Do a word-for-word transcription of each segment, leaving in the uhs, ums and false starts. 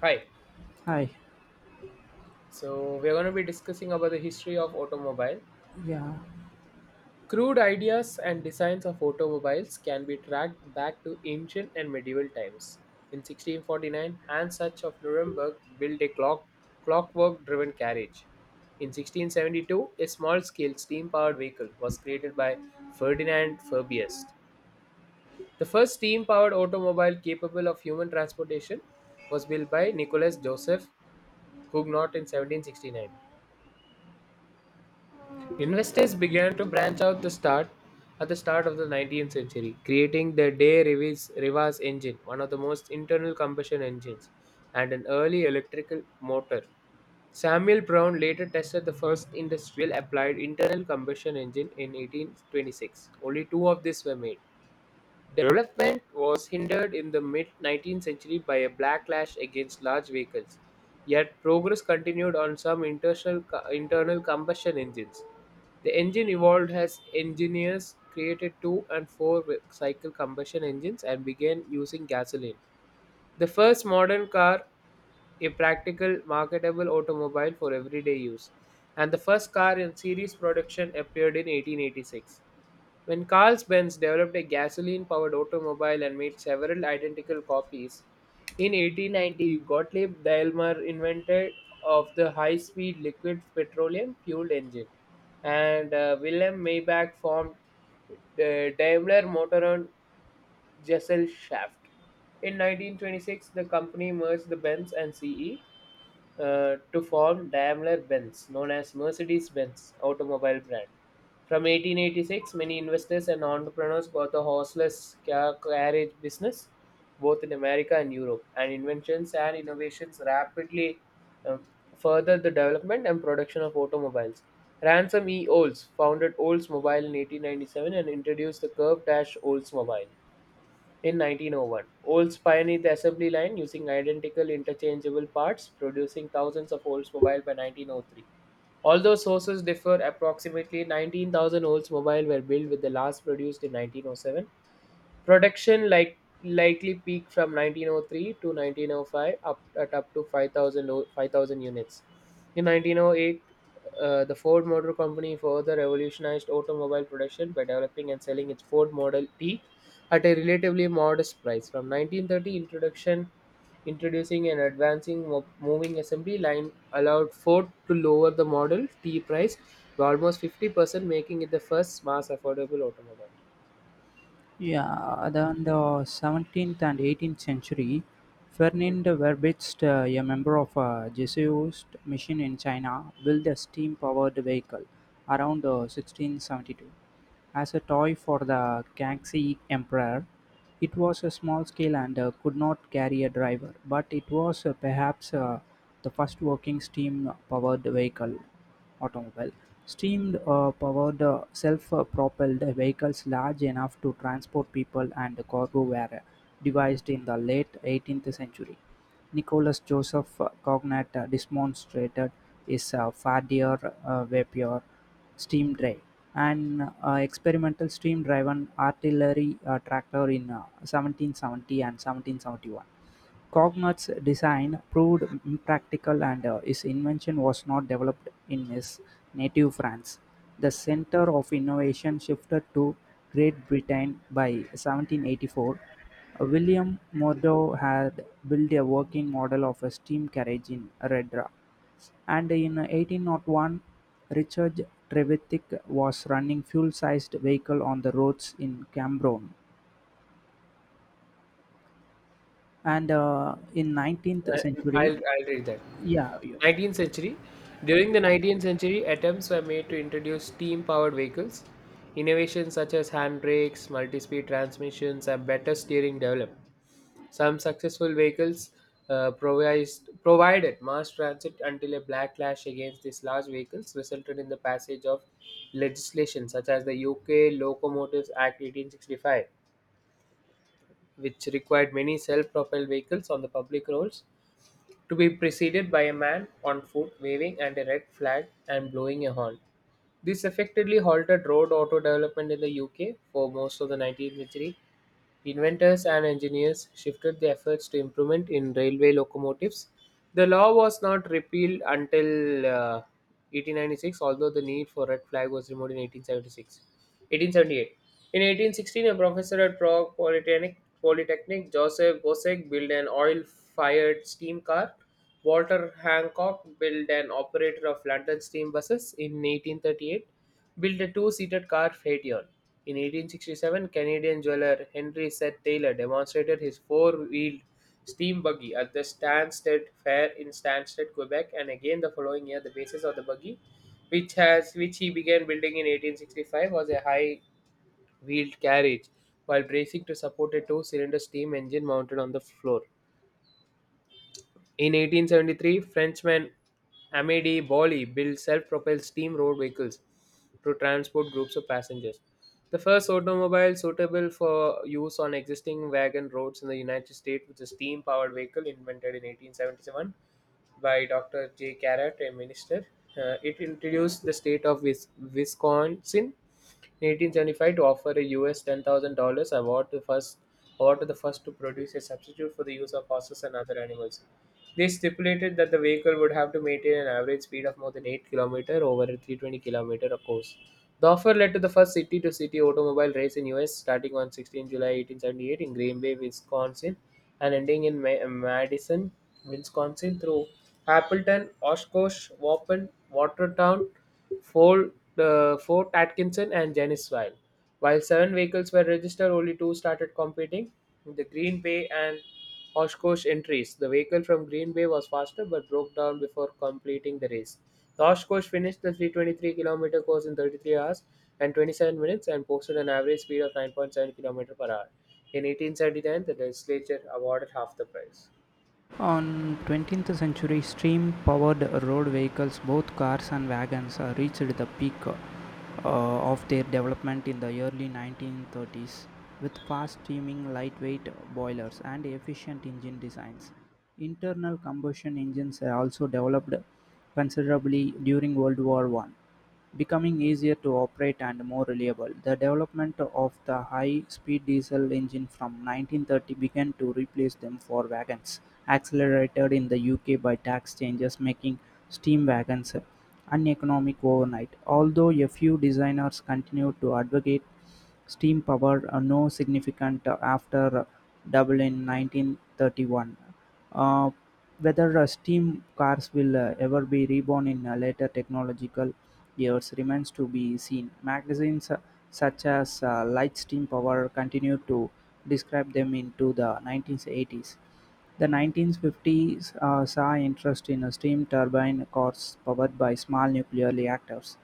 Hi. Hi. So we're going to be discussing about the history of automobile. Yeah. Crude ideas and designs of automobiles can be tracked back to ancient and medieval times. In sixteen forty-nine, Hans Sachs of Nuremberg built a clock, clockwork-driven carriage. In sixteen seventy-two, a small-scale steam-powered vehicle was created by Ferdinand Fabius. The first steam-powered automobile capable of human transportation was built by Nicholas Joseph Huguenot in seventeen sixty-nine. Investors began to branch out the start at the start of the nineteenth century, creating the De Rivas, Rivas engine, one of the most internal combustion engines, and an early electrical motor. Samuel Brown later tested the first industrial applied internal combustion engine in eighteen twenty-six. Only two of these were made. Development was hindered in the mid nineteenth century by a backlash against large vehicles, yet progress continued on some internal, internal combustion engines. The engine evolved as engineers created two and four cycle combustion engines and began using gasoline. The first modern car, a practical, marketable automobile for everyday use, and the first car in series production appeared in eighteen eighty-six, when Carl-Benz developed a gasoline-powered automobile and made several identical copies. In eighteen ninety, Gottlieb Daimler invented of the high-speed liquid petroleum-fueled engine, and uh, Wilhelm Maybach formed the Daimler Motoren Gesellschaft. In nineteen twenty-six, the company merged the Benz and C E uh, to form Daimler-Benz, known as Mercedes-Benz automobile brand. From eighteen eighty-six, many investors and entrepreneurs bought the horseless car carriage business, both in America and Europe, and inventions and innovations rapidly um, furthered the development and production of automobiles. Ransom E. Olds founded Oldsmobile in eighteen ninety-seven and introduced the curved dash Oldsmobile. In nineteen oh one, Olds pioneered the assembly line using identical interchangeable parts, producing thousands of Oldsmobile by nineteen oh three. Although sources differ, approximately nineteen thousand Oldsmobile were built with the last produced in nineteen oh seven. Production like likely peaked from nineteen oh three to nineteen oh five up at up to five thousand o- five thousand units. In nineteen oh eight, uh, the Ford Motor Company further revolutionized automobile production by developing and selling its Ford Model T at a relatively modest price. From nineteen thirty, introduction introducing and advancing mo- moving assembly line allowed Ford to lower the Model T price by almost fifty percent, making it the first mass affordable automobile. Yeah. Then the seventeenth and eighteenth century, Ferdinand Verbitz, uh, a member of a Jesuit mission in China, built a steam powered vehicle around uh, sixteen seventy-two as a toy for the Kangxi Emperor. It was a small scale and uh, could not carry a driver, but it was uh, perhaps uh, the first working steam powered vehicle. automobile, Steam uh, powered uh, self-propelled vehicles large enough to transport people and cargo were devised in the late eighteenth century. Nicholas Joseph Cognat uh, demonstrated his uh, Fardier uh, Vapier steam drive, an uh, experimental steam driven artillery uh, tractor in uh, seventeen seventy and seventeen seventy-one. Cognut's design proved impractical, and uh, his invention was not developed in his native France. The center of innovation shifted to Great Britain by seventeen eighty-four. William Murdo had built a working model of a steam carriage in Redra, and in eighteen oh one Richard Trevithick was running fuel-sized vehicle on the roads in Cambron, and uh, in nineteenth I- century. I'll, I'll read that. Yeah, yeah. nineteenth century. During the nineteenth century, attempts were made to introduce steam powered vehicles. Innovations such as hand brakes, multi speed transmissions, and better steering developed. Some successful vehicles uh, provised, provided mass transit until a backlash against these large vehicles resulted in the passage of legislation such as the U K Locomotives Act eighteen sixty-five, which required many self propelled vehicles on the public roads to be preceded by a man on foot waving and a red flag and blowing a horn. This effectively halted road auto development in the U K for most of the nineteenth century. Inventors and engineers shifted their efforts to improvement in railway locomotives. The law was not repealed until uh, eighteen ninety-six, although the need for red flag was removed in eighteen seventy-six. eighteen seventy-eight. In eighteen sixteen, a professor at Prague Polytechnic, Polytechnic Joseph Bosek, built an oil-fired steam car. Walter Hancock built and operator of London steam buses in eighteen thirty-eight, built a two-seated car Phaeton. In eighteen sixty-seven, Canadian jeweler Henry Seth Taylor demonstrated his four-wheeled steam buggy at the Stansted Fair in Stansted, Quebec, and again the following year the basis of the buggy, which has which he began building in eighteen sixty-five, was a high-wheeled carriage while bracing to support a two-cylinder steam engine mounted on the floor. In eighteen seventy-three, Frenchman Amédée Boilly built self-propelled steam road vehicles to transport groups of passengers. The first automobile suitable for use on existing wagon roads in the United States was a steam-powered vehicle invented in eighteen seventy-seven by doctor J. Carrot, a minister. Uh, it introduced the state of Wis- Wisconsin in eighteen seventy-five to offer a U S ten thousand dollars award to first award to the first to produce a substitute for the use of horses and other animals. They stipulated that the vehicle would have to maintain an average speed of more than eight kilometers over a three hundred twenty kilometers course. The offer led to the first city to city automobile race in U S starting on July sixteenth eighteen seventy-eight in Green Bay, Wisconsin and ending in Ma- Madison, Wisconsin through Appleton, Oshkosh, Waupun, Watertown, Fort, uh, Fort Atkinson and Janesville. While seven vehicles were registered, only two started competing the Green Bay and Oshkosh entries. The vehicle from Green Bay was faster but broke down before completing the race. The Oshkosh finished the three hundred twenty-three kilometers course in thirty-three hours and twenty-seven minutes and posted an average speed of nine point seven km per hour. In eighteen seventy-nine, the legislature awarded half the prize. On twentieth century, steam powered road vehicles, both cars and wagons, uh, reached the peak uh, of their development in the early nineteen thirties with fast steaming, lightweight boilers, and efficient engine designs. Internal combustion engines uh, also developed considerably during World War One. Becoming easier to operate and more reliable, the development of the high-speed diesel engine from nineteen thirty began to replace them for wagons, accelerated in the U K by tax changes making steam wagons uneconomic overnight. Although a few designers continued to advocate steam power, uh, no significant uh, after uh, Dublin nineteen thirty-one. Uh, Whether uh, steam cars will uh, ever be reborn in uh, later technological years remains to be seen. Magazines uh, such as uh, Light Steam Power continued to describe them into the nineteen eighties. The nineteen fifties uh, saw interest in uh, steam turbine cars powered by small nuclear reactors.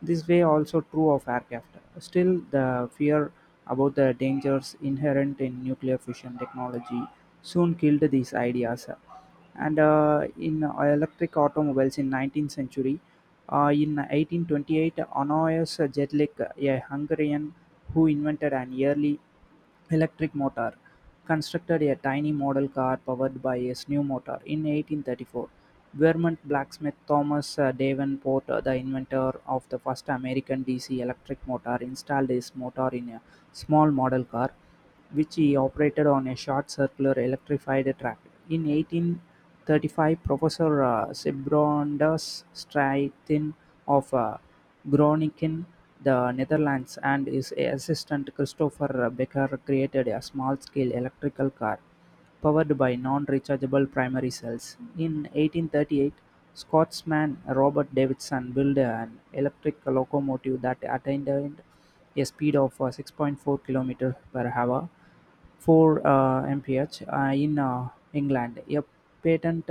This way also true of aircraft. Still, the fear about the dangers inherent in nuclear fission technology soon killed these ideas. And uh, in uh, electric automobiles in nineteenth century, uh, in eighteen twenty-eight, Annoyes Jedlik, a Hungarian who invented an early electric motor, constructed a tiny model car powered by a new motor. In eighteen thirty-four, Vermont blacksmith Thomas uh, Davenport, uh, the inventor of the first American D C electric motor, installed his motor in a small model car, which he operated on a short circular electrified track. In eighteen thirty-five, Professor uh, Sybrondas Stuyten of uh, Groningen, the Netherlands, and his assistant Christopher Becker created a small scale electrical car powered by non rechargeable primary cells. In eighteen thirty-eight, Scotsman Robert Davidson built an electric locomotive that attained a speed of six point four kilometers per hour, four uh, mph, uh, in uh, England. A patent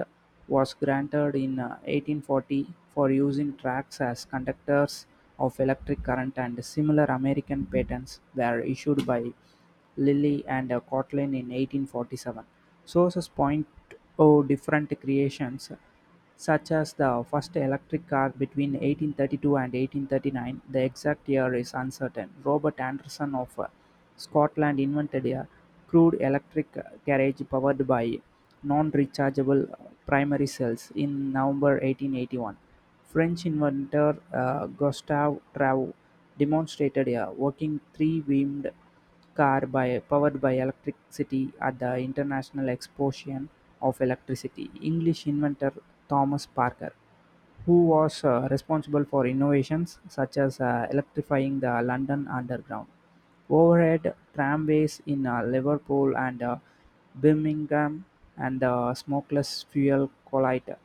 was granted in uh, eighteen forty for using tracks as conductors of electric current, and similar American patents were issued by Lilly and uh, Kotlin in eighteen forty-seven. Sources point to different creations such as the first electric car between eighteen thirty-two and eighteen thirty-nine. The exact year is uncertain. Robert Anderson of uh, Scotland invented a crude electric carriage powered by non rechargeable primary cells in November eighteen eighty-one. French inventor uh, Gustave Travaux demonstrated a working three beamed car by powered by electricity at the International Exposition of Electricity. English inventor Thomas Parker, who was uh, responsible for innovations such as uh, electrifying the London Underground, overhead tramways in uh, Liverpool and uh, Birmingham, and the smokeless fuel collider.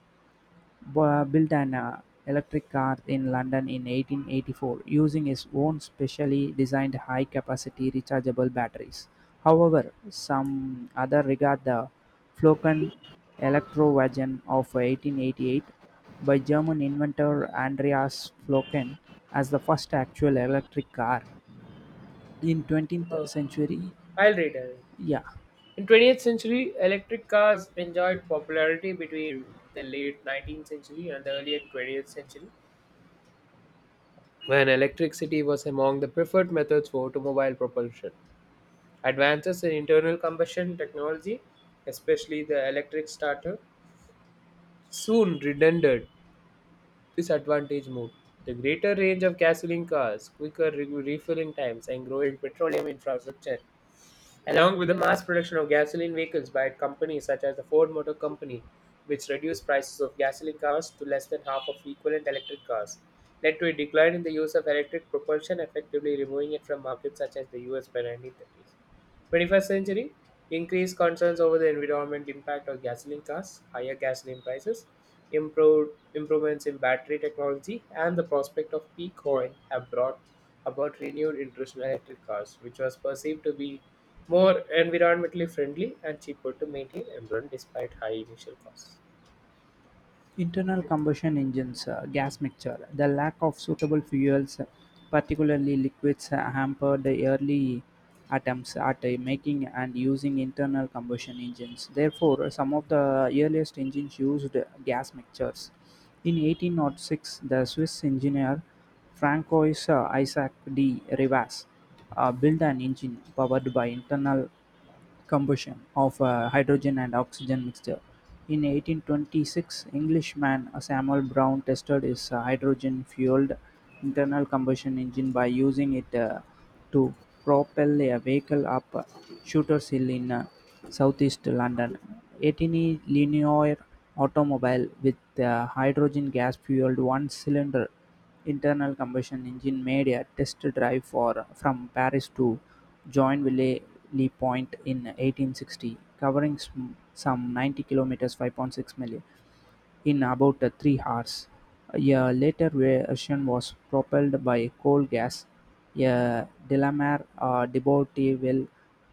Bo- built an uh, electric car in London in eighteen eighty-four using his own specially designed high capacity rechargeable batteries. However, some other regard the Flocken Elektrowagen of eighteen eighty-eight by German inventor Andreas Flocken as the first actual electric car in Oh, twentieth century. I'll read it. Yeah. In twentieth century, electric cars enjoyed popularity between the late nineteenth century and the early twentieth century, when electricity was among the preferred methods for automobile propulsion. Advances in internal combustion technology, especially the electric starter, soon rendered this advantage moot. The greater range of gasoline cars, quicker re- refilling times, and growing petroleum infrastructure along with the mass production of gasoline vehicles by companies such as the Ford Motor Company, which reduced prices of gasoline cars to less than half of equivalent electric cars, led to a decline in the use of electric propulsion, effectively removing it from markets such as the U S by nineteen thirties. twenty-first century, increased concerns over the environment impact of gasoline cars, higher gasoline prices, improved improvements in battery technology, and the prospect of peak oil have brought about renewed interest in electric cars, which was perceived to be more environmentally friendly and cheaper to maintain and run despite high initial costs. Internal combustion engines uh, gas mixture. The lack of suitable fuels, uh, particularly liquids, uh, hampered the early attempts at uh, making and using internal combustion engines. Therefore, some of the earliest engines used gas mixtures. In eighteen oh six, the Swiss engineer Francois uh, Isaac de Rivas uh, built an engine powered by internal combustion of a hydrogen and oxygen mixture. In eighteen twenty-six, Englishman Samuel Brown tested his hydrogen fueled internal combustion engine by using it uh, to propel a vehicle up Shooter's Hill in uh, southeast London. Etini linear automobile with a hydrogen gas fueled one cylinder internal combustion engine made a test drive for from Paris to Joinville Point in eighteen-sixty, covering sm- some ninety kilometers five miles) in about uh, three hours. A later version was propelled by coal gas. A Delamere Debateable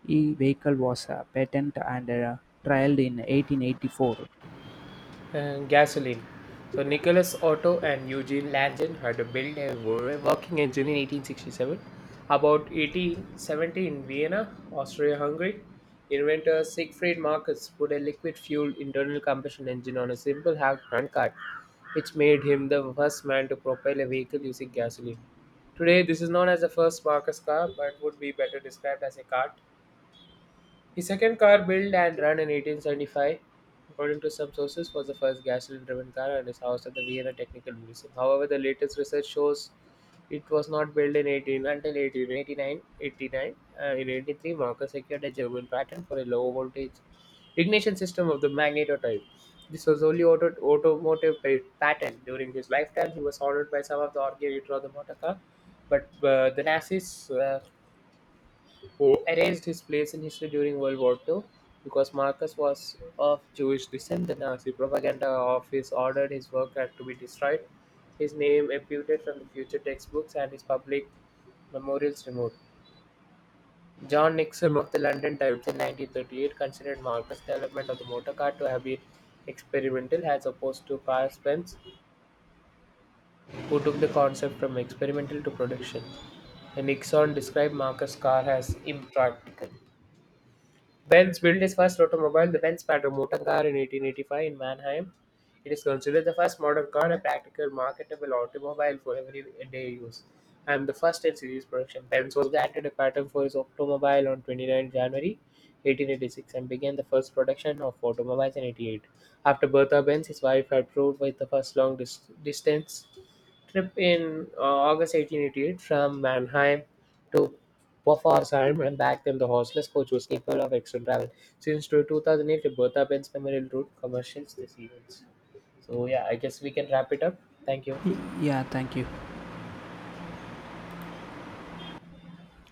vehicle was uh, patented and uh, trialed in eighteen eighty-four. Uh, gasoline. So Yeah, Nicholas Otto and Eugene Langen had built a working engine in eighteen sixty-seven. About eighteen seventy in Vienna, Austria-Hungary, inventor Siegfried Marcus put a liquid-fueled internal combustion engine on a simple ha- handcart, which made him the first man to propel a vehicle using gasoline. Today, this is known as the first Marcus car, but would be better described as a cart. His second car, built and run in eighteen seventy-five, according to some sources, was the first gasoline-driven car and is housed at the Vienna Technical Museum. However, the latest research shows it was not built in eighteen until eighteen eighty-nine. 89 eighty-nine uh, in eighty-three, Marker secured a German patent for a low-voltage ignition system of the Magneto type. This was only auto, automotive pa- patent. During his lifetime, he was honored by some of the organs of the motor car, but uh, the Nazis uh, who erased his place in history during World War two. Because Marcus was of Jewish descent, the Nazi propaganda office ordered his work had to be destroyed, his name amputed from the future textbooks, and his public memorials removed. John Nixon of the London Times in nineteen thirty-eight considered Marcus' development of the motor car to have been experimental as opposed to Carl Spence, who took the concept from experimental to production. Nixon described Marcus' car as impractical. Benz built his first automobile, the Benz Pato motor car, in eighteen eighty-five in Mannheim. It is considered the first modern car, a practical, marketable automobile for everyday use, and the first in series production. Benz was granted a patent for his automobile on 29 January eighteen eighty-six and began the first production of automobiles in eighty-eight. After Bertha Benz, his wife had proved with the first long dis- distance trip in uh, August eighteen eighty-eight from Mannheim to Pforzheim and back then the horseless coach was capable of extra travel. So, since two two 2008, Roberta Ben's memorial route commercials this events. So yeah, I guess we can wrap it up. Thank you. yeah, thank you.